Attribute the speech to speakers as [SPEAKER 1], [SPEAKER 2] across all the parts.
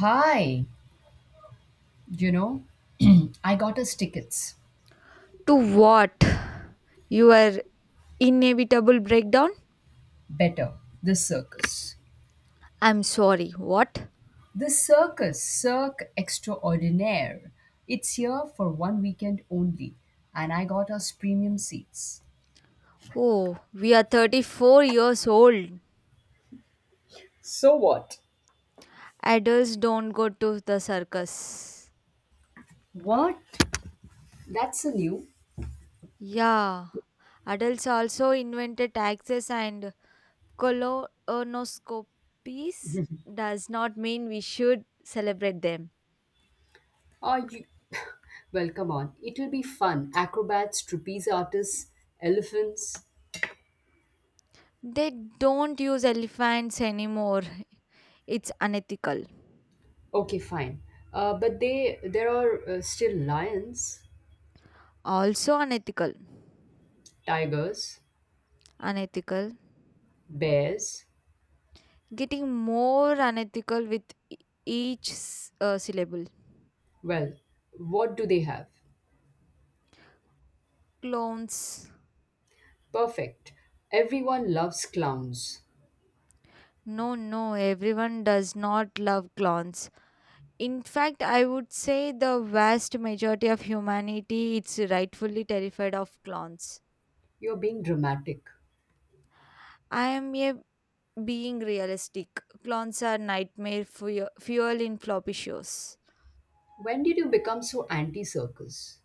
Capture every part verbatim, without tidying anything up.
[SPEAKER 1] Hi, you know, I got us tickets.
[SPEAKER 2] To what? Your inevitable breakdown?
[SPEAKER 1] Better, the circus.
[SPEAKER 2] I'm sorry, what?
[SPEAKER 1] The circus, Cirque Extraordinaire. It's here for one weekend only, and I got us premium seats.
[SPEAKER 2] Oh, we are thirty-four years old.
[SPEAKER 1] So what?
[SPEAKER 2] Adults don't go to the circus.
[SPEAKER 1] What? That's a new.
[SPEAKER 2] Yeah, adults also invented taxes and colonoscopies does not mean we should celebrate them.
[SPEAKER 1] Are you? Well, come on. It'll be fun. Acrobats, trapeze artists, elephants.
[SPEAKER 2] They don't use elephants anymore. It's unethical.
[SPEAKER 1] Okay, fine. Uh, but they there are uh, still lions,
[SPEAKER 2] Also unethical.
[SPEAKER 1] tigers,
[SPEAKER 2] Unethical.
[SPEAKER 1] bears.
[SPEAKER 2] Getting more unethical with e- each s- uh, syllable.
[SPEAKER 1] Well, what do they have?
[SPEAKER 2] Clones.
[SPEAKER 1] Perfect. Everyone loves clowns.
[SPEAKER 2] No, no, everyone does not love clones. In fact, I would say the vast majority of humanity is rightfully terrified of clones.
[SPEAKER 1] You're being dramatic.
[SPEAKER 2] I am a being realistic. Clones are nightmare fu- fuel in floppy shows.
[SPEAKER 1] When did you become so anti circus?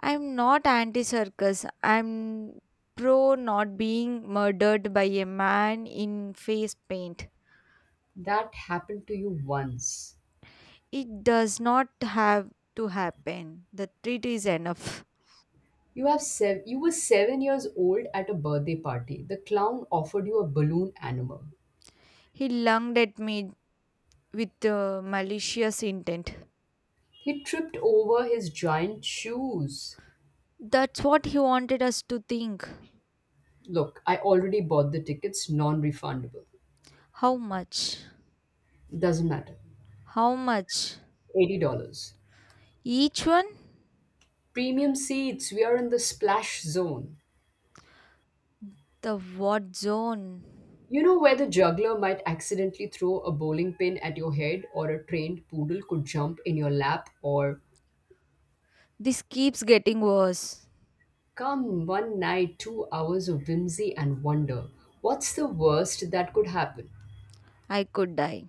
[SPEAKER 2] I'm not anti circus. I'm pro not being murdered by a man in face paint.
[SPEAKER 1] That happened to you once.
[SPEAKER 2] It does not have to happen. The treat is enough.
[SPEAKER 1] You have sev- you were seven years old at a birthday party. The clown offered you a balloon animal.
[SPEAKER 2] He lunged at me with uh, malicious intent.
[SPEAKER 1] He tripped over his giant shoes.
[SPEAKER 2] That's what he wanted us to think.
[SPEAKER 1] Look, I already bought the tickets, non-refundable.
[SPEAKER 2] How much?
[SPEAKER 1] Doesn't matter.
[SPEAKER 2] How much?
[SPEAKER 1] eighty dollars.
[SPEAKER 2] Each one?
[SPEAKER 1] Premium seats. We are in the splash zone.
[SPEAKER 2] The what zone?
[SPEAKER 1] You know, where the juggler might accidentally throw a bowling pin at your head, or a trained poodle could jump in your lap, or
[SPEAKER 2] This keeps getting worse.
[SPEAKER 1] come one night, two hours of whimsy and wonder. What's the worst that could happen?
[SPEAKER 2] I could die.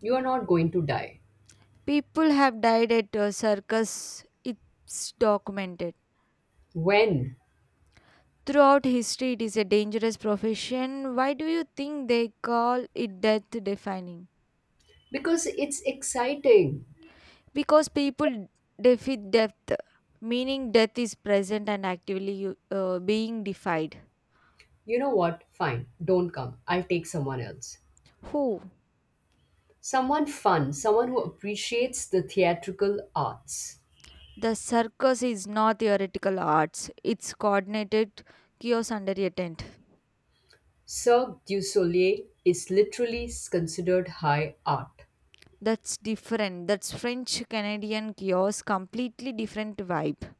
[SPEAKER 1] You are not going to die.
[SPEAKER 2] People have died at a circus. It's documented.
[SPEAKER 1] When?
[SPEAKER 2] Throughout history, it is a dangerous profession. Why do you think they call it death defining?
[SPEAKER 1] Because it's exciting.
[SPEAKER 2] Because people defy death, meaning death is present and actively uh, being defied.
[SPEAKER 1] You know what? Fine, don't come. I'll take someone else.
[SPEAKER 2] Who?
[SPEAKER 1] Someone fun, someone who appreciates the theatrical arts.
[SPEAKER 2] The circus is not theoretical arts, it's coordinated chaos under a tent.
[SPEAKER 1] Cirque du Soleil is literally considered high art.
[SPEAKER 2] That's different, that's French Canadian chaos, completely different vibe.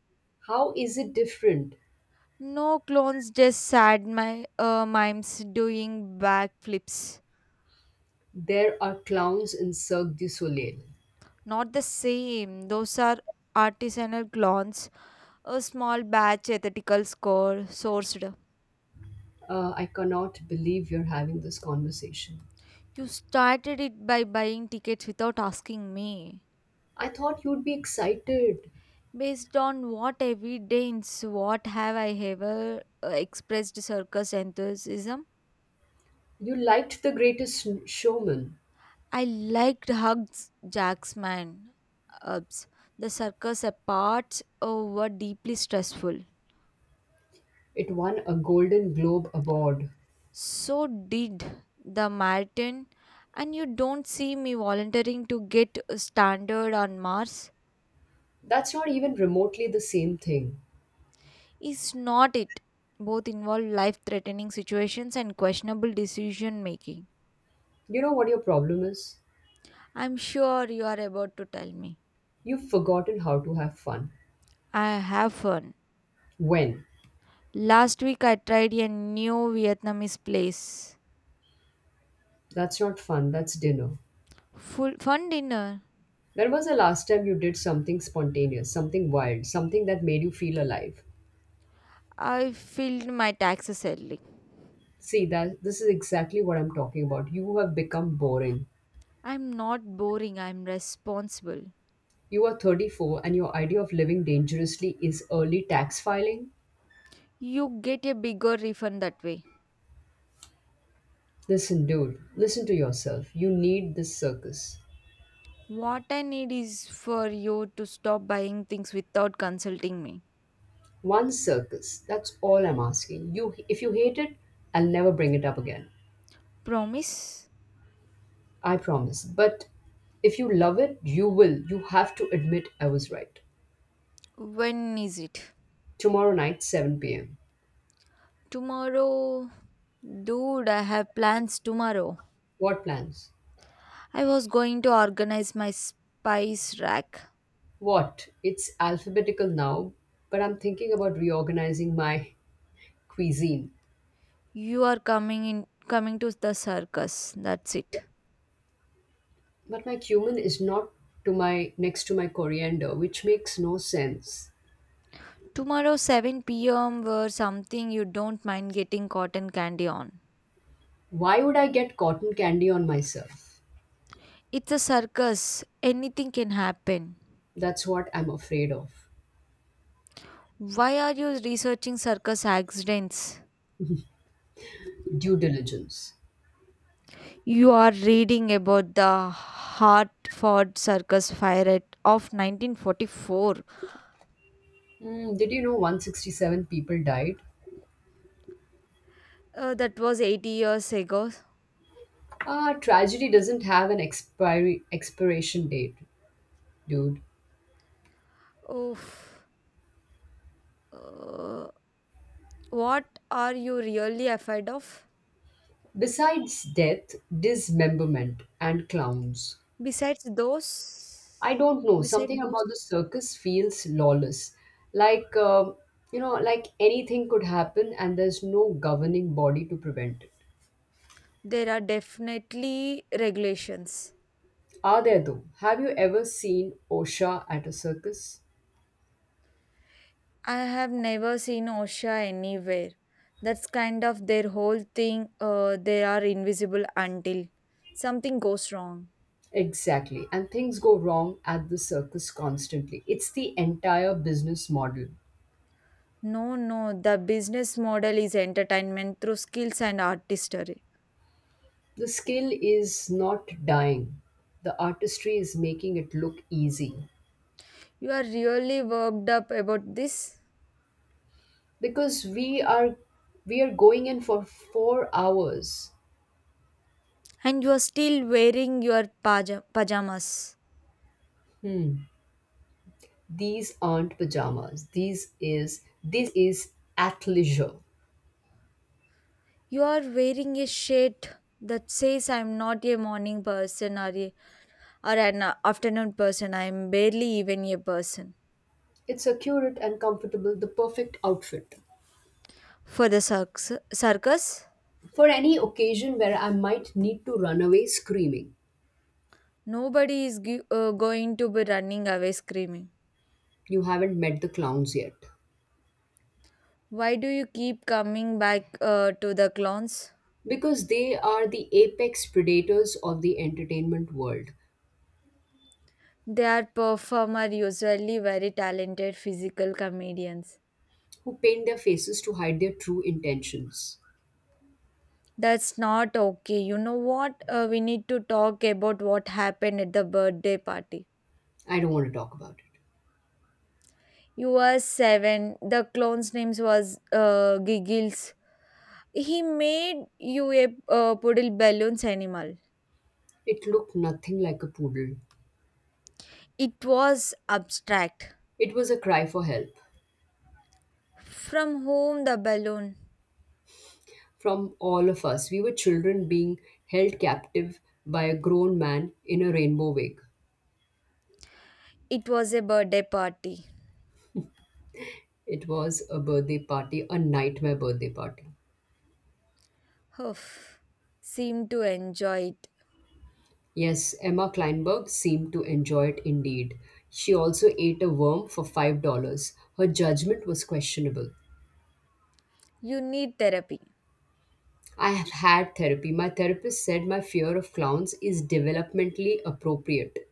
[SPEAKER 1] How is it different?
[SPEAKER 2] No clones, just sad my uh, mimes doing backflips.
[SPEAKER 1] There are clowns in Cirque du Soleil.
[SPEAKER 2] Not the same, those are artisanal clones, a small batch ethical score sourced.
[SPEAKER 1] Uh, I cannot believe you're having this conversation.
[SPEAKER 2] You started it by buying tickets without asking me.
[SPEAKER 1] I thought you'd be excited.
[SPEAKER 2] Based on what evidence? What have I ever uh, expressed circus enthusiasm?
[SPEAKER 1] You liked The Greatest Showman.
[SPEAKER 2] I liked Hugs Jacksman. Ups. The circus parts uh, were deeply stressful.
[SPEAKER 1] It won a Golden Globe Award.
[SPEAKER 2] So did the marathon, and you don't see me volunteering to get standard on Mars.
[SPEAKER 1] That's not even remotely the same thing.
[SPEAKER 2] Is not it? Both involve life threatening situations and questionable decision making.
[SPEAKER 1] You know what your problem is?
[SPEAKER 2] I'm sure you are about to tell me.
[SPEAKER 1] You've forgotten how to have fun.
[SPEAKER 2] I have fun.
[SPEAKER 1] When?
[SPEAKER 2] Last week I tried a new Vietnamese place.
[SPEAKER 1] That's not fun, that's dinner.
[SPEAKER 2] Full fun dinner.
[SPEAKER 1] When was the last time you did something spontaneous, something wild, something that made you feel alive?
[SPEAKER 2] I filled my taxes early.
[SPEAKER 1] See, that this is exactly what I'm talking about. You have become boring.
[SPEAKER 2] I'm not boring, I'm responsible.
[SPEAKER 1] You are thirty-four and your idea of living dangerously is early tax filing.
[SPEAKER 2] You get a bigger refund that way.
[SPEAKER 1] Listen, dude, listen to yourself. You need this circus.
[SPEAKER 2] What I need is for you to stop buying things without consulting me.
[SPEAKER 1] One circus. That's all I'm asking. You If you hate it, I'll never bring it up again.
[SPEAKER 2] Promise?
[SPEAKER 1] I promise. But if you love it, you will. You have to admit I was right.
[SPEAKER 2] When is it?
[SPEAKER 1] Tomorrow night, seven p m.
[SPEAKER 2] Tomorrow, dude, I have plans tomorrow.
[SPEAKER 1] What plans?
[SPEAKER 2] I was going to organize my spice rack.
[SPEAKER 1] What? It's alphabetical now, but I'm thinking about reorganizing my cuisine.
[SPEAKER 2] You are coming in coming to the circus. That's it.
[SPEAKER 1] But my cumin is not to my next to my coriander, which makes no sense.
[SPEAKER 2] Tomorrow seven p m, or something you don't mind getting cotton candy on.
[SPEAKER 1] Why would I get cotton candy on myself?
[SPEAKER 2] It's a circus. Anything can happen.
[SPEAKER 1] That's what I'm afraid of.
[SPEAKER 2] Why are you researching circus accidents?
[SPEAKER 1] Due diligence.
[SPEAKER 2] You are reading about the Hartford Circus fire at- of nineteen forty-four.
[SPEAKER 1] Mm, did you know one hundred sixty-seven people died?
[SPEAKER 2] Uh, that was eighty years ago.
[SPEAKER 1] Ah, tragedy doesn't have an expiry expiration date, dude.
[SPEAKER 2] Oh, Uh, what are you really afraid of?
[SPEAKER 1] Besides death, dismemberment and clowns.
[SPEAKER 2] Besides those,
[SPEAKER 1] I don't know.
[SPEAKER 2] besides
[SPEAKER 1] Something
[SPEAKER 2] those,
[SPEAKER 1] about the circus feels lawless. Like, um, you know, like anything could happen and there's no governing body to prevent it.
[SPEAKER 2] there are definitely regulations.
[SPEAKER 1] Are there though? Have you ever seen OSHA at a circus?
[SPEAKER 2] I have never seen OSHA anywhere. That's kind of their whole thing. Uh, they are invisible until something goes wrong.
[SPEAKER 1] Exactly. And things go wrong at the circus constantly. It's the entire business model.
[SPEAKER 2] No, no, the business model is entertainment through skills and artistry.
[SPEAKER 1] The skill is not dying. The artistry is making it look easy.
[SPEAKER 2] You are really worked up about this?
[SPEAKER 1] Because we are we are going in for four hours.
[SPEAKER 2] And you are still wearing your paja- pajamas.
[SPEAKER 1] Hmm. These aren't pajamas. These is this is athleisure.
[SPEAKER 2] You are wearing a shirt that says I'm not a morning person, or, a, or an uh, afternoon person. I'm barely even a person.
[SPEAKER 1] It's accurate and comfortable, the perfect outfit.
[SPEAKER 2] For the circus, circus,
[SPEAKER 1] For any occasion where I might need to run away screaming,
[SPEAKER 2] nobody is gi- uh, going to be running away screaming.
[SPEAKER 1] you haven't met the clowns yet.
[SPEAKER 2] Why do you keep coming back uh, to the clowns?
[SPEAKER 1] Because they are the apex predators of the entertainment world
[SPEAKER 2] They are performer usually very talented physical comedians.
[SPEAKER 1] who paint their faces to hide their true intentions.
[SPEAKER 2] That's not okay. You know what? Uh, we need to talk about what happened at the birthday party.
[SPEAKER 1] I don't want to talk about it.
[SPEAKER 2] You were seven. The clone's name was uh, Giggles. He made you a uh, puddle balloons animal.
[SPEAKER 1] It looked nothing like a poodle.
[SPEAKER 2] It was abstract.
[SPEAKER 1] It was a cry for help
[SPEAKER 2] From whom? The balloon?
[SPEAKER 1] from all of us. We were children being held captive by a grown man in a rainbow wig.
[SPEAKER 2] It was a birthday party.
[SPEAKER 1] It was a birthday party, a nightmare birthday party.
[SPEAKER 2] Oof. Seemed to enjoy it.
[SPEAKER 1] Yes, Emma Kleinberg seemed to enjoy it indeed. She also ate a worm for five dollars. Her judgment was questionable.
[SPEAKER 2] You need therapy.
[SPEAKER 1] I have had therapy. My therapist said my fear of clowns is developmentally appropriate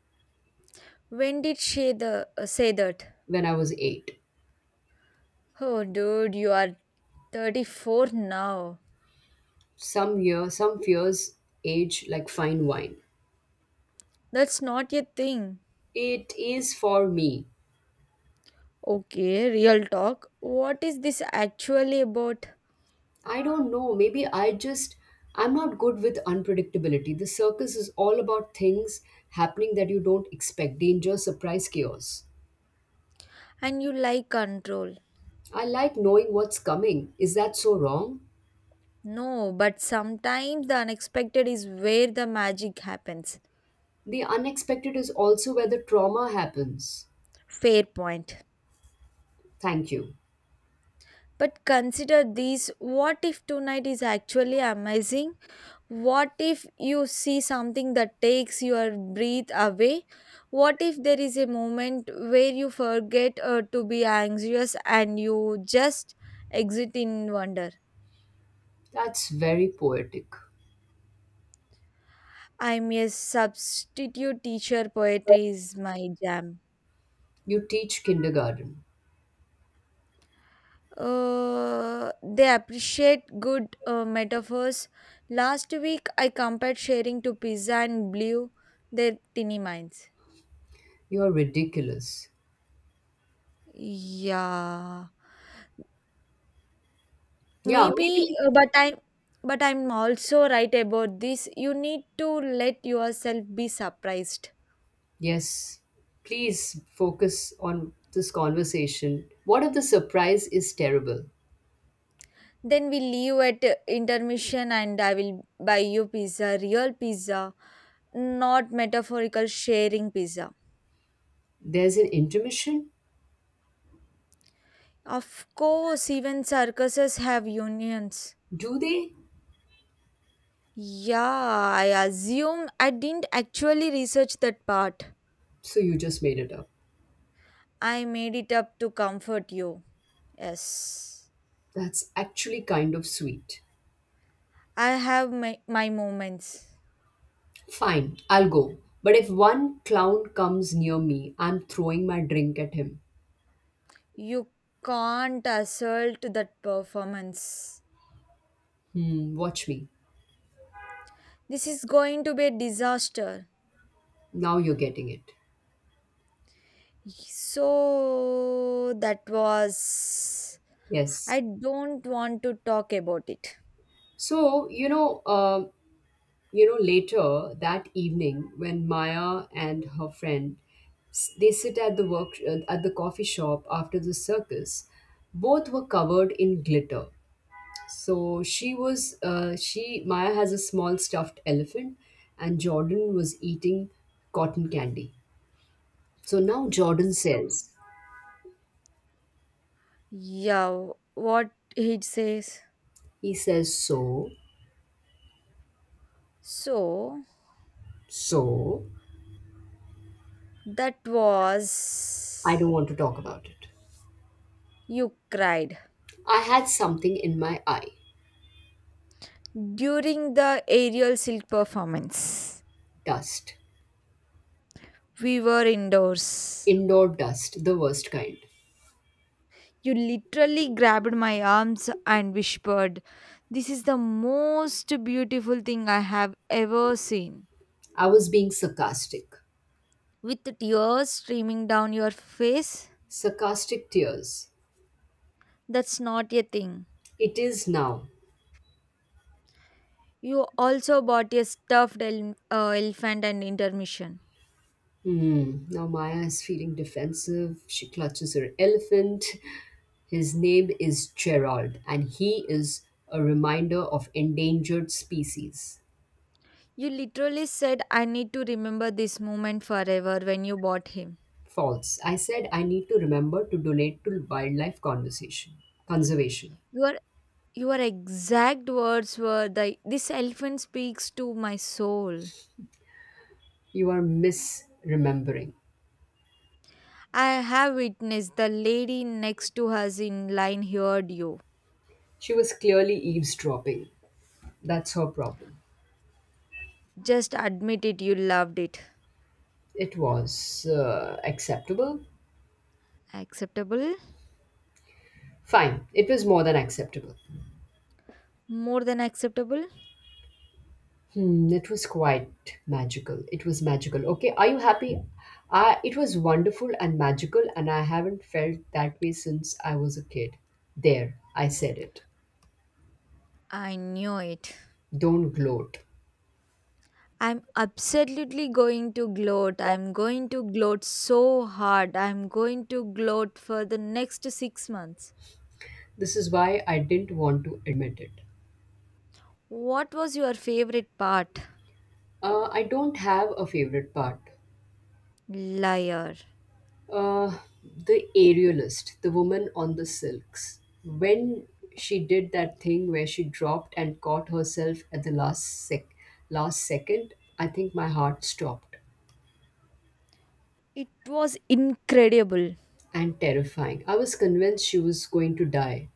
[SPEAKER 2] When did she the, uh, say that?
[SPEAKER 1] when I was eight.
[SPEAKER 2] Oh, dude, you are thirty-four now.
[SPEAKER 1] Some year some fears age like fine wine.
[SPEAKER 2] That's not a thing.
[SPEAKER 1] It is for me.
[SPEAKER 2] Okay, real talk. What is this actually about?
[SPEAKER 1] I don't know. Maybe I just, I'm not good with unpredictability. The circus is all about things happening that you don't expect: danger, surprise, chaos.
[SPEAKER 2] And you like control.
[SPEAKER 1] I like knowing what's coming. Is that so wrong?
[SPEAKER 2] No, but sometimes the unexpected is where the magic happens.
[SPEAKER 1] The unexpected is also where the trauma happens.
[SPEAKER 2] Fair point.
[SPEAKER 1] Thank you.
[SPEAKER 2] But consider this: what if tonight is actually amazing? What if you see something that takes your breath away? What if there is a moment where you forget uh, to be anxious and you just exit in wonder?
[SPEAKER 1] That's very poetic.
[SPEAKER 2] I'm a substitute teacher. Poetry is my jam.
[SPEAKER 1] You teach kindergarten.
[SPEAKER 2] Uh, they appreciate good uh, metaphors. Last week, I compared sharing to pizza and blew their tiny minds.
[SPEAKER 1] You're ridiculous.
[SPEAKER 2] Yeah,
[SPEAKER 1] Yeah,
[SPEAKER 2] maybe,
[SPEAKER 1] maybe.
[SPEAKER 2] uh, but I, but I'm also right about this. You need to let yourself be surprised.
[SPEAKER 1] Yes. Please focus on this conversation. What if the surprise is terrible?
[SPEAKER 2] Then we leave at uh, intermission, and I will buy you pizza, real pizza, not metaphorical sharing pizza.
[SPEAKER 1] There's an intermission?
[SPEAKER 2] Of course, even circuses have unions.
[SPEAKER 1] Do they?
[SPEAKER 2] Yeah, I assume. I didn't actually research that part.
[SPEAKER 1] So you just made it up.
[SPEAKER 2] I made it up to comfort you. Yes,
[SPEAKER 1] That's actually kind of sweet.
[SPEAKER 2] I have my, my moments.
[SPEAKER 1] Fine, I'll go. But if one clown comes near me, I'm throwing my drink at him.
[SPEAKER 2] You can't assault that performance.
[SPEAKER 1] Hmm, watch me.
[SPEAKER 2] This is going to be a disaster.
[SPEAKER 1] Now you're getting it.
[SPEAKER 2] So, that was.
[SPEAKER 1] Yes.
[SPEAKER 2] I don't want to talk about it.
[SPEAKER 1] So, you know, uh, you know, later that evening, when Maya and her friend s- they sit at the work uh, at the coffee shop after the circus, both were covered in glitter. So she was, uh, she, Maya has a small stuffed elephant, and Jordan was eating cotton candy. So now Jordan
[SPEAKER 2] So,
[SPEAKER 1] says,
[SPEAKER 2] yeah, what he says.
[SPEAKER 1] he says, so,
[SPEAKER 2] So
[SPEAKER 1] so,
[SPEAKER 2] that
[SPEAKER 1] I
[SPEAKER 2] was.
[SPEAKER 1] don't want to talk about it.
[SPEAKER 2] You cried
[SPEAKER 1] I had something in my eye:
[SPEAKER 2] during the aerial silk performance.
[SPEAKER 1] dust,
[SPEAKER 2] We were indoors.
[SPEAKER 1] indoor dust, the worst kind.
[SPEAKER 2] You literally grabbed my arms and whispered, "This is the most beautiful thing I have ever seen."
[SPEAKER 1] I was being sarcastic.
[SPEAKER 2] With tears streaming down your face,
[SPEAKER 1] Sarcastic tears.
[SPEAKER 2] that's not a thing.
[SPEAKER 1] It is now.
[SPEAKER 2] You also bought a stuffed el- uh, elephant and intermission.
[SPEAKER 1] Hmm. Now Maya is feeling defensive. She clutches her elephant. His name is Gerald, and he is a reminder of endangered species.
[SPEAKER 2] You literally said, "I need to remember this moment forever" when you bought him.
[SPEAKER 1] False. I said I need to remember to donate to wildlife conversation conservation.
[SPEAKER 2] Your your exact words were the this elephant speaks to my soul.
[SPEAKER 1] You are misremembering.
[SPEAKER 2] I have witnessed the lady next to us in line heard you.
[SPEAKER 1] She was clearly eavesdropping. That's her problem.
[SPEAKER 2] Just admit it, you loved it.
[SPEAKER 1] It was uh, acceptable.
[SPEAKER 2] Acceptable?
[SPEAKER 1] Fine. It was more than acceptable.
[SPEAKER 2] More than acceptable?
[SPEAKER 1] Hmm, it was quite magical. It was magical. Okay, are you happy? I, it was wonderful and magical, and I haven't felt that way since I was a kid. There, I said it.
[SPEAKER 2] I knew it.
[SPEAKER 1] Don't gloat.
[SPEAKER 2] I'm absolutely going to gloat. I'm going to gloat so hard. I'm going to gloat for the next six months.
[SPEAKER 1] This is why I didn't want to admit it.
[SPEAKER 2] What was your favorite part?
[SPEAKER 1] Uh, I don't have a favorite part.
[SPEAKER 2] Liar.
[SPEAKER 1] Uh, the aerialist, the woman on the silks. When she did that thing where she dropped and caught herself at the last sec- last second, I think my heart stopped.
[SPEAKER 2] It was incredible,
[SPEAKER 1] And terrifying. I was convinced she was going to die,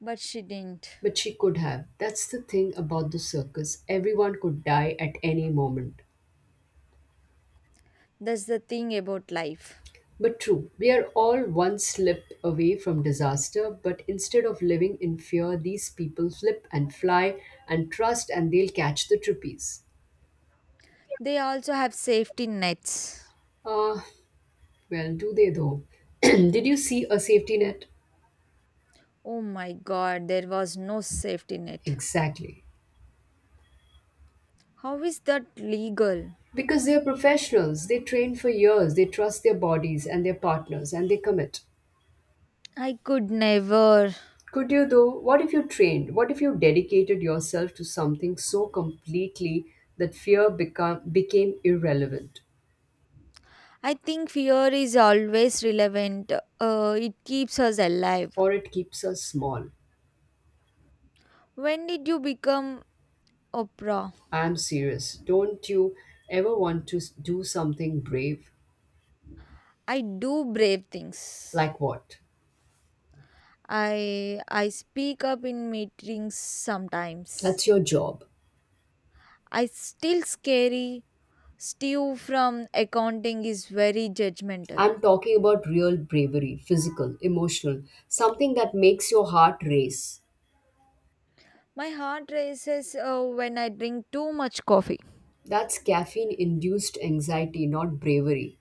[SPEAKER 2] but she didn't.
[SPEAKER 1] but she could have. That's the thing about the circus: everyone could die at any moment.
[SPEAKER 2] That's the thing about life.
[SPEAKER 1] But true, we are all one slip away from disaster, but instead of living in fear, these people flip and fly and trust, and they'll catch the trapeze.
[SPEAKER 2] They also have safety nets.
[SPEAKER 1] Ah, well, do they though? Did you see a safety net?
[SPEAKER 2] Oh my god, there was no safety net.
[SPEAKER 1] Exactly.
[SPEAKER 2] How is that legal?
[SPEAKER 1] Because they're professionals, they train for years, they trust their bodies and their partners, and they commit.
[SPEAKER 2] I could never.
[SPEAKER 1] Could you though? What if you trained? What if you dedicated yourself to something so completely that fear become, became irrelevant,
[SPEAKER 2] I think fear is always relevant. Uh, it keeps us alive.
[SPEAKER 1] or it keeps us small?
[SPEAKER 2] When did you become Oprah?
[SPEAKER 1] I am serious. Don't you ever want to s- do something brave?
[SPEAKER 2] I do brave things.
[SPEAKER 1] Like what?
[SPEAKER 2] I I speak up in meetings sometimes.
[SPEAKER 1] That's your job.
[SPEAKER 2] I still scary. Steve from accounting is very judgmental.
[SPEAKER 1] I'm talking about real bravery, physical, emotional, something that makes your heart race.
[SPEAKER 2] My heart races uh, when I drink too much coffee.
[SPEAKER 1] That's caffeine induced anxiety, not bravery.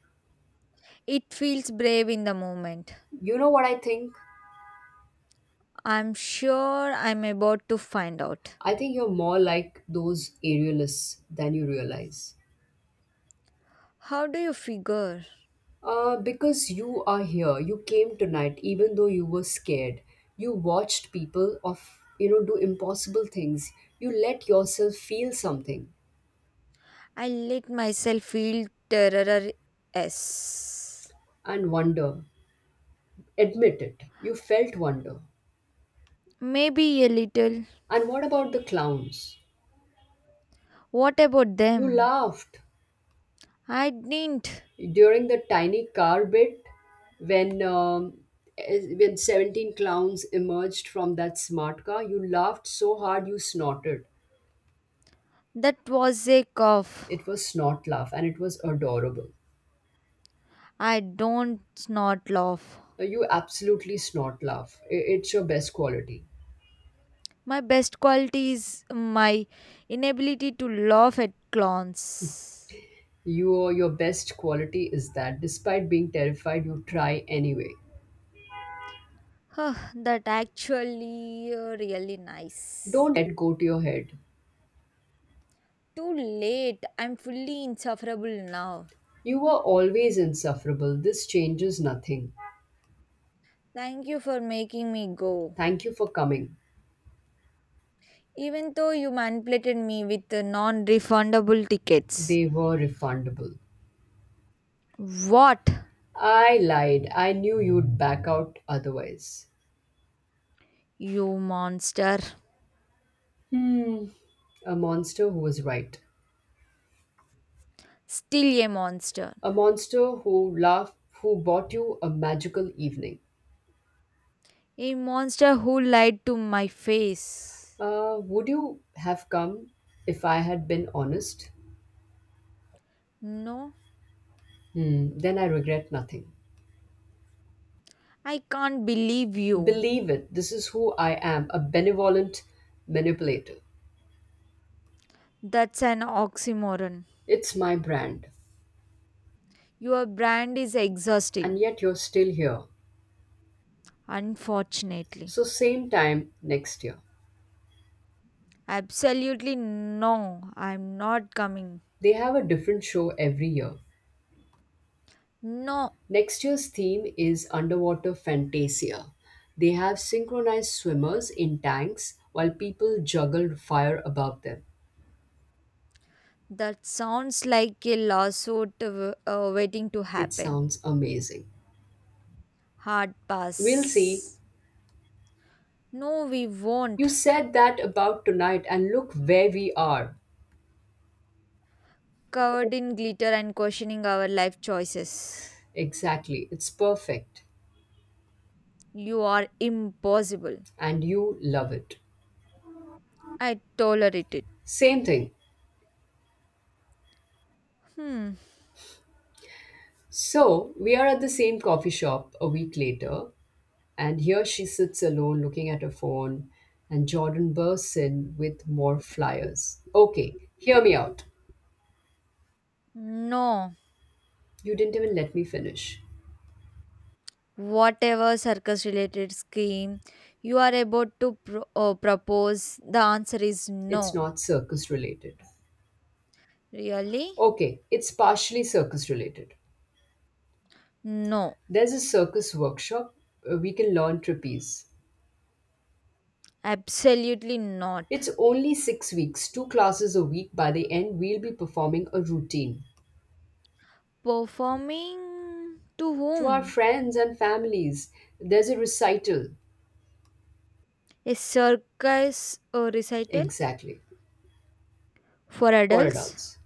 [SPEAKER 2] It feels brave in the moment.
[SPEAKER 1] You know what I think?
[SPEAKER 2] I'm sure I'm about to find out.
[SPEAKER 1] I think you're more like those aerialists than you realize.
[SPEAKER 2] How do you figure?
[SPEAKER 1] Uh, because you are here, you came tonight, even though you were scared. You watched people of you know do impossible things. You let yourself feel something
[SPEAKER 2] I let myself feel terror. S.
[SPEAKER 1] and wonder. Admit it. You felt wonder.
[SPEAKER 2] Maybe a little.
[SPEAKER 1] And what about the clowns?
[SPEAKER 2] What about
[SPEAKER 1] You
[SPEAKER 2] them?
[SPEAKER 1] laughed
[SPEAKER 2] I didn't.
[SPEAKER 1] during the tiny car bit when um, as- when seventeen clowns emerged from that smart car. You laughed so hard you snorted.
[SPEAKER 2] That was a cough.
[SPEAKER 1] It was snort laugh and it was adorable.
[SPEAKER 2] I don't not laugh.
[SPEAKER 1] Uh, you absolutely snort laugh. I- it's your best quality.
[SPEAKER 2] My best quality is my inability to laugh at clowns.
[SPEAKER 1] Your your best quality is that despite being terrified, you try anyway.
[SPEAKER 2] Huh, that actually uh, really nice.
[SPEAKER 1] Don't let go to your head.
[SPEAKER 2] Too late. I'm fully insufferable now.
[SPEAKER 1] You were always insufferable. This changes nothing.
[SPEAKER 2] Thank you for making me go.
[SPEAKER 1] Thank you for coming.
[SPEAKER 2] Even though you manipulated me with the non-refundable tickets.
[SPEAKER 1] They were refundable.
[SPEAKER 2] What?
[SPEAKER 1] I lied. I knew you'd back out otherwise.
[SPEAKER 2] You monster.
[SPEAKER 1] Hmm. A monster who was right.
[SPEAKER 2] Still a monster.
[SPEAKER 1] A monster who laughed, who bought you a magical evening.
[SPEAKER 2] A monster who lied to my face.
[SPEAKER 1] Uh, would you have come if I had been honest?
[SPEAKER 2] No,
[SPEAKER 1] Hmm. Then I regret nothing.
[SPEAKER 2] I can't believe you.
[SPEAKER 1] Believe it. This is who I am: a benevolent manipulator.
[SPEAKER 2] That's an oxymoron.
[SPEAKER 1] It's my brand.
[SPEAKER 2] Your brand is
[SPEAKER 1] And
[SPEAKER 2] exhausting.
[SPEAKER 1] yet you're still here.
[SPEAKER 2] Unfortunately.
[SPEAKER 1] So, same time next year.
[SPEAKER 2] Absolutely no, I'm not coming.
[SPEAKER 1] They have a different show every year.
[SPEAKER 2] No,
[SPEAKER 1] Next year's theme is underwater fantasia. They have synchronized swimmers in tanks while people juggle fire above them.
[SPEAKER 2] that sounds like a lawsuit w- uh, waiting to
[SPEAKER 1] It
[SPEAKER 2] happen.
[SPEAKER 1] sounds amazing.
[SPEAKER 2] Hard
[SPEAKER 1] We'll see.
[SPEAKER 2] pass. No, we
[SPEAKER 1] You
[SPEAKER 2] won't.
[SPEAKER 1] said that about tonight, and look where we are.
[SPEAKER 2] Covered in glitter and questioning our life choices.
[SPEAKER 1] Exactly, it's perfect.
[SPEAKER 2] You are impossible.
[SPEAKER 1] And you love it.
[SPEAKER 2] I tolerate it.
[SPEAKER 1] Same thing.
[SPEAKER 2] Hmm.
[SPEAKER 1] So, we are at the same coffee shop a week later, and here she sits alone looking at her phone, and Jordan bursts in with more flyers. Okay, hear me out.
[SPEAKER 2] No.
[SPEAKER 1] You didn't even let me finish.
[SPEAKER 2] Whatever circus related scheme you are about to pro- uh, propose, the answer is
[SPEAKER 1] It's
[SPEAKER 2] no.
[SPEAKER 1] not circus related.
[SPEAKER 2] Really?
[SPEAKER 1] Okay, it's partially circus related.
[SPEAKER 2] No.
[SPEAKER 1] There's a circus workshop. uh, We can learn trapeze.
[SPEAKER 2] Absolutely not.
[SPEAKER 1] It's only six weeks, two classes a week. By the end, we'll be performing a routine.
[SPEAKER 2] Performing to
[SPEAKER 1] To our
[SPEAKER 2] whom?
[SPEAKER 1] friends and families, there's a recital.
[SPEAKER 2] A circus uh, recital
[SPEAKER 1] Exactly,
[SPEAKER 2] for
[SPEAKER 1] for
[SPEAKER 2] adults
[SPEAKER 1] adults.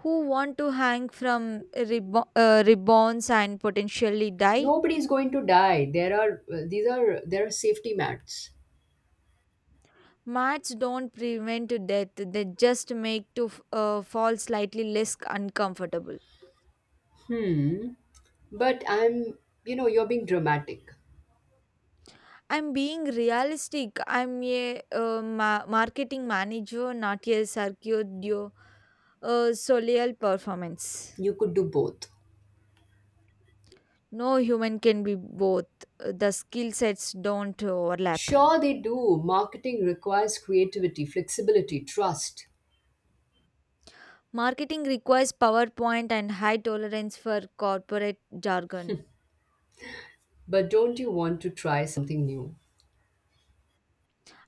[SPEAKER 2] who want to hang from ribbon, uh, ribbons and potentially die?
[SPEAKER 1] Nobody's going to die. There are these are there are safety mats.
[SPEAKER 2] Maths don't prevent death, they just make to f- uh, fall slightly less uncomfortable.
[SPEAKER 1] Hmm. But I'm You know, you're being dramatic.
[SPEAKER 2] I'm being realistic. I'm a uh, ma- marketing manager, not a circuit uh, solial performance.
[SPEAKER 1] You could do both.
[SPEAKER 2] No human can be both. Uh, The skill sets don't overlap.
[SPEAKER 1] Sure, they do. Marketing requires creativity, flexibility, trust.
[SPEAKER 2] Marketing requires PowerPoint and high tolerance for corporate jargon.
[SPEAKER 1] But don't you want to try something new?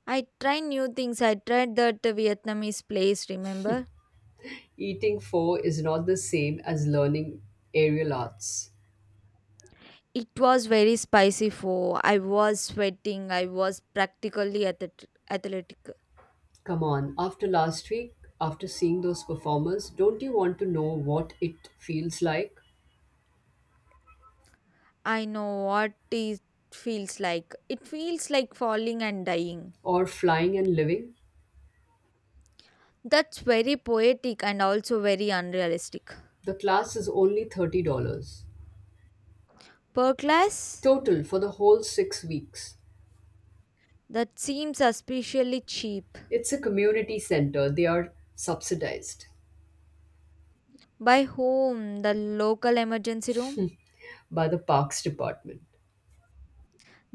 [SPEAKER 2] I try new things. I tried that Vietnamese place, remember?
[SPEAKER 1] Eating four is not the same as learning aerial arts.
[SPEAKER 2] It was very spicy for I was sweating. I was practically ath- athletic.
[SPEAKER 1] Come on, after last week, after seeing those performers, don't you want to know what it feels like?
[SPEAKER 2] I know what it feels like. It feels like falling and dying.
[SPEAKER 1] Or flying and living?
[SPEAKER 2] That's very poetic and also very unrealistic.
[SPEAKER 1] The class is only thirty dollars
[SPEAKER 2] Per class,
[SPEAKER 1] total for the whole six weeks.
[SPEAKER 2] that seems especially cheap.
[SPEAKER 1] It's a community center. They are subsidized
[SPEAKER 2] By whom? The local emergency room?
[SPEAKER 1] by the parks department.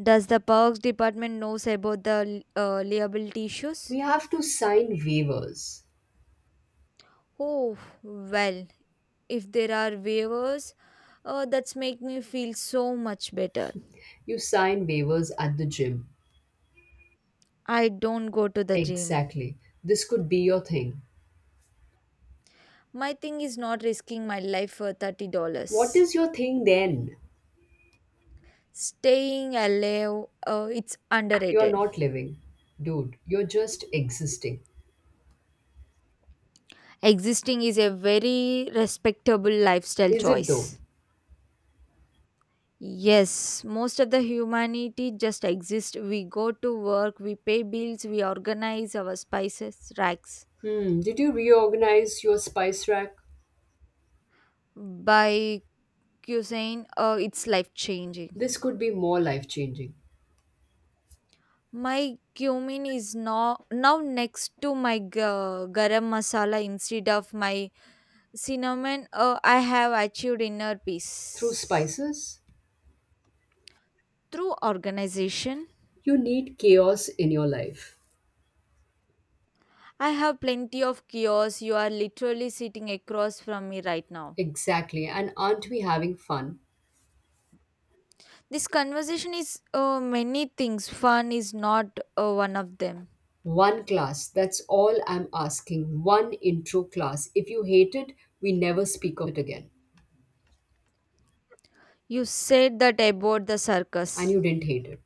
[SPEAKER 2] Does the parks department knows about the uh, liability issues?
[SPEAKER 1] We have to sign waivers.
[SPEAKER 2] Oh, well, if there are waivers, uh, that's make me feel so much better.
[SPEAKER 1] You sign waivers at the gym.
[SPEAKER 2] I don't go to the gym.
[SPEAKER 1] Exactly. This could be your thing.
[SPEAKER 2] My thing is not risking my life for
[SPEAKER 1] What
[SPEAKER 2] thirty dollars.
[SPEAKER 1] is your thing then?
[SPEAKER 2] Staying alive, uh, it's
[SPEAKER 1] You're
[SPEAKER 2] underrated.
[SPEAKER 1] not living. Dude, you're just existing.
[SPEAKER 2] Existing is a very respectable lifestyle
[SPEAKER 1] Is it though?
[SPEAKER 2] choice. Yes, most of the humanity just exists. We go to work, we pay bills, we organize our spices, racks.
[SPEAKER 1] Hmm, did you reorganize your spice rack?
[SPEAKER 2] By cuisine, uh, it's life changing.
[SPEAKER 1] This could be more life changing.
[SPEAKER 2] My cumin is now now next to my ga- garam masala instead of my cinnamon. Uh, I have achieved inner
[SPEAKER 1] Through
[SPEAKER 2] peace
[SPEAKER 1] spices?
[SPEAKER 2] through organization.
[SPEAKER 1] You need chaos in your life.
[SPEAKER 2] I have plenty of kiosks. You are literally sitting across from me right now.
[SPEAKER 1] Exactly. And aren't we having fun?
[SPEAKER 2] This conversation is uh, many things. Fun is not uh, one of them.
[SPEAKER 1] One class, that's all I'm asking. One intro class. If you hate it, we never speak of it again.
[SPEAKER 2] You said that about the
[SPEAKER 1] And
[SPEAKER 2] circus.
[SPEAKER 1] you didn't hate it.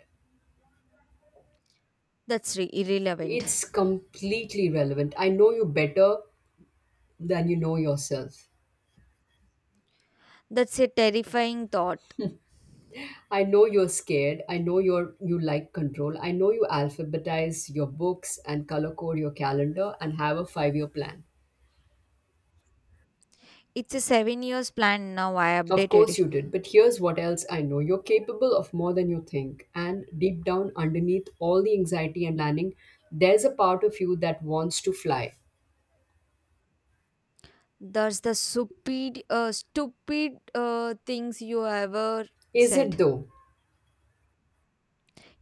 [SPEAKER 2] That's re- irrelevant.
[SPEAKER 1] It's completely relevant. I know you better than you know yourself.
[SPEAKER 2] That's a terrifying thought.
[SPEAKER 1] I know you're scared. I know you're You like control. I know you alphabetize your books and color code your calendar and have a five-year plan.
[SPEAKER 2] It's a seven years plan now. I
[SPEAKER 1] Of
[SPEAKER 2] updated
[SPEAKER 1] course
[SPEAKER 2] it.
[SPEAKER 1] you did, but here's what else I know. You're capable of more than you think. And deep down, underneath all the anxiety and planning, there's a part of you that wants to fly.
[SPEAKER 2] That's the stupid, uh, stupid uh, things you ever
[SPEAKER 1] Is it
[SPEAKER 2] said.
[SPEAKER 1] though?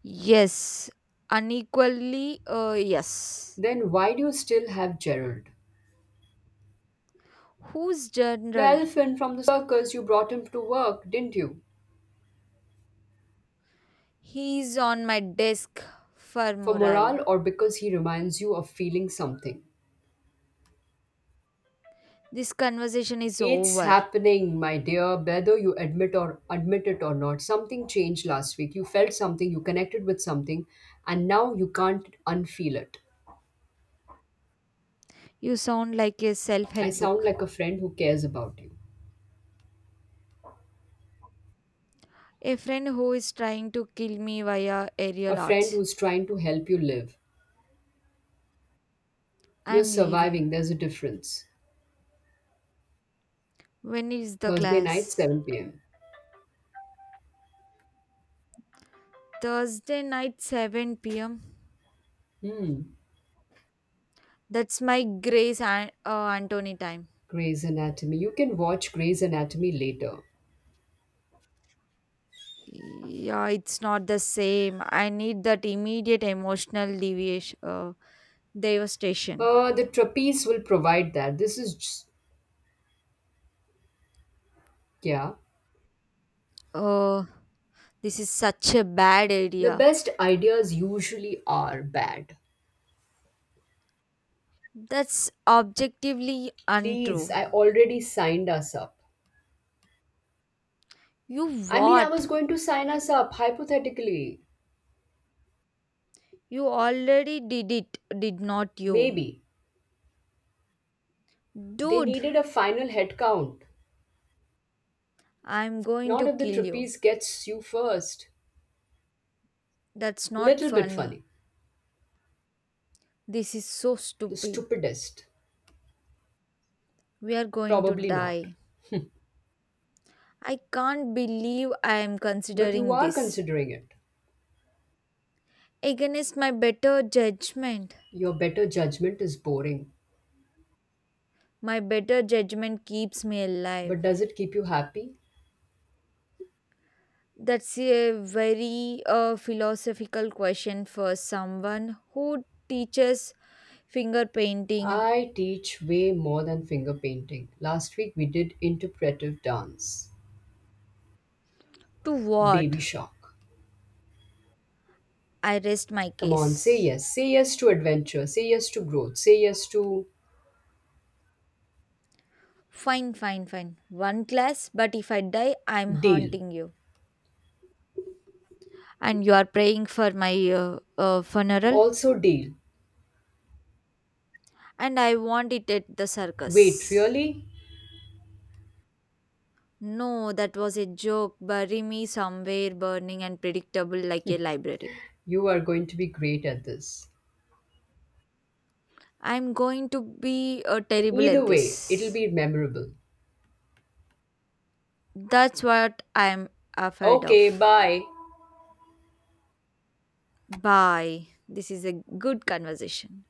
[SPEAKER 2] Yes, unequally. Uh, yes.
[SPEAKER 1] Then why do you still have Gerald?
[SPEAKER 2] Who's
[SPEAKER 1] The
[SPEAKER 2] general?
[SPEAKER 1] elephant from the circus, you brought him to work, didn't you?
[SPEAKER 2] He's on my desk for
[SPEAKER 1] For
[SPEAKER 2] morale.
[SPEAKER 1] morale, or because he reminds you of feeling something?
[SPEAKER 2] This conversation is
[SPEAKER 1] It's
[SPEAKER 2] over.
[SPEAKER 1] happening, my dear, whether you admit or admit it or not. Something changed last week. You felt something, you connected with something, and now you can't unfeel it.
[SPEAKER 2] You sound like a
[SPEAKER 1] I
[SPEAKER 2] self-help
[SPEAKER 1] sound
[SPEAKER 2] book.
[SPEAKER 1] like a friend who cares about you,
[SPEAKER 2] A friend who is trying to kill me via aerial
[SPEAKER 1] a friend
[SPEAKER 2] arts.
[SPEAKER 1] who's trying to help you live. You're
[SPEAKER 2] I'm leaving.
[SPEAKER 1] surviving, there's a difference.
[SPEAKER 2] When is the
[SPEAKER 1] Thursday night,
[SPEAKER 2] class?
[SPEAKER 1] seven p m.
[SPEAKER 2] Thursday night seven p m.
[SPEAKER 1] Hmm,
[SPEAKER 2] That's my Grace An- uh, Anthony time.
[SPEAKER 1] Grey's Anatomy. You can watch Grey's Anatomy later.
[SPEAKER 2] Yeah, it's not the same. I need that immediate emotional deviation, uh, devastation.
[SPEAKER 1] Uh, the trapeze will provide that. This is, just, yeah.
[SPEAKER 2] Oh, this is such a bad
[SPEAKER 1] The
[SPEAKER 2] idea.
[SPEAKER 1] best ideas usually are bad.
[SPEAKER 2] That's objectively
[SPEAKER 1] Please,
[SPEAKER 2] untrue.
[SPEAKER 1] I already signed us up.
[SPEAKER 2] You
[SPEAKER 1] I mean, I
[SPEAKER 2] what?
[SPEAKER 1] was going to sign us up, hypothetically.
[SPEAKER 2] You already did it, did not you?
[SPEAKER 1] Maybe. They
[SPEAKER 2] Dude,
[SPEAKER 1] needed a final headcount.
[SPEAKER 2] I'm going
[SPEAKER 1] Not
[SPEAKER 2] to
[SPEAKER 1] if the
[SPEAKER 2] kill you.
[SPEAKER 1] trapeze gets you first.
[SPEAKER 2] That's not
[SPEAKER 1] Little bit
[SPEAKER 2] funny.
[SPEAKER 1] funny.
[SPEAKER 2] This is so
[SPEAKER 1] The
[SPEAKER 2] stupid.
[SPEAKER 1] stupidest.
[SPEAKER 2] We are going to
[SPEAKER 1] Probably not.
[SPEAKER 2] die. I can't believe I am
[SPEAKER 1] But you
[SPEAKER 2] considering
[SPEAKER 1] are
[SPEAKER 2] this.
[SPEAKER 1] considering it.
[SPEAKER 2] Against my better judgment.
[SPEAKER 1] Your better judgment is boring.
[SPEAKER 2] My better judgment keeps me alive.
[SPEAKER 1] But does it keep you happy?
[SPEAKER 2] That's a very uh, philosophical question for someone who teaches finger painting
[SPEAKER 1] I teach way more than finger painting. Last week we did interpretive dance.
[SPEAKER 2] to what?
[SPEAKER 1] Baby shock.
[SPEAKER 2] I rest my
[SPEAKER 1] Come on, say
[SPEAKER 2] case.
[SPEAKER 1] yes. Say yes to adventure. Say yes to growth. Say yes to
[SPEAKER 2] Fine, fine, fine. One class, but if I die, I'm
[SPEAKER 1] deal.
[SPEAKER 2] haunting you. And you are praying for my uh, uh, funeral,
[SPEAKER 1] Also, deal.
[SPEAKER 2] and I want it at the
[SPEAKER 1] Wait,
[SPEAKER 2] circus.
[SPEAKER 1] really?
[SPEAKER 2] No, that was a joke. Bury me somewhere burning and predictable like a library.
[SPEAKER 1] You are going to be great at this.
[SPEAKER 2] I'm going to be uh, terrible
[SPEAKER 1] Either
[SPEAKER 2] at
[SPEAKER 1] way, it'll
[SPEAKER 2] this.
[SPEAKER 1] be memorable.
[SPEAKER 2] That's what I'm afraid
[SPEAKER 1] Okay,
[SPEAKER 2] of.
[SPEAKER 1] bye.
[SPEAKER 2] Bye. This is a good conversation.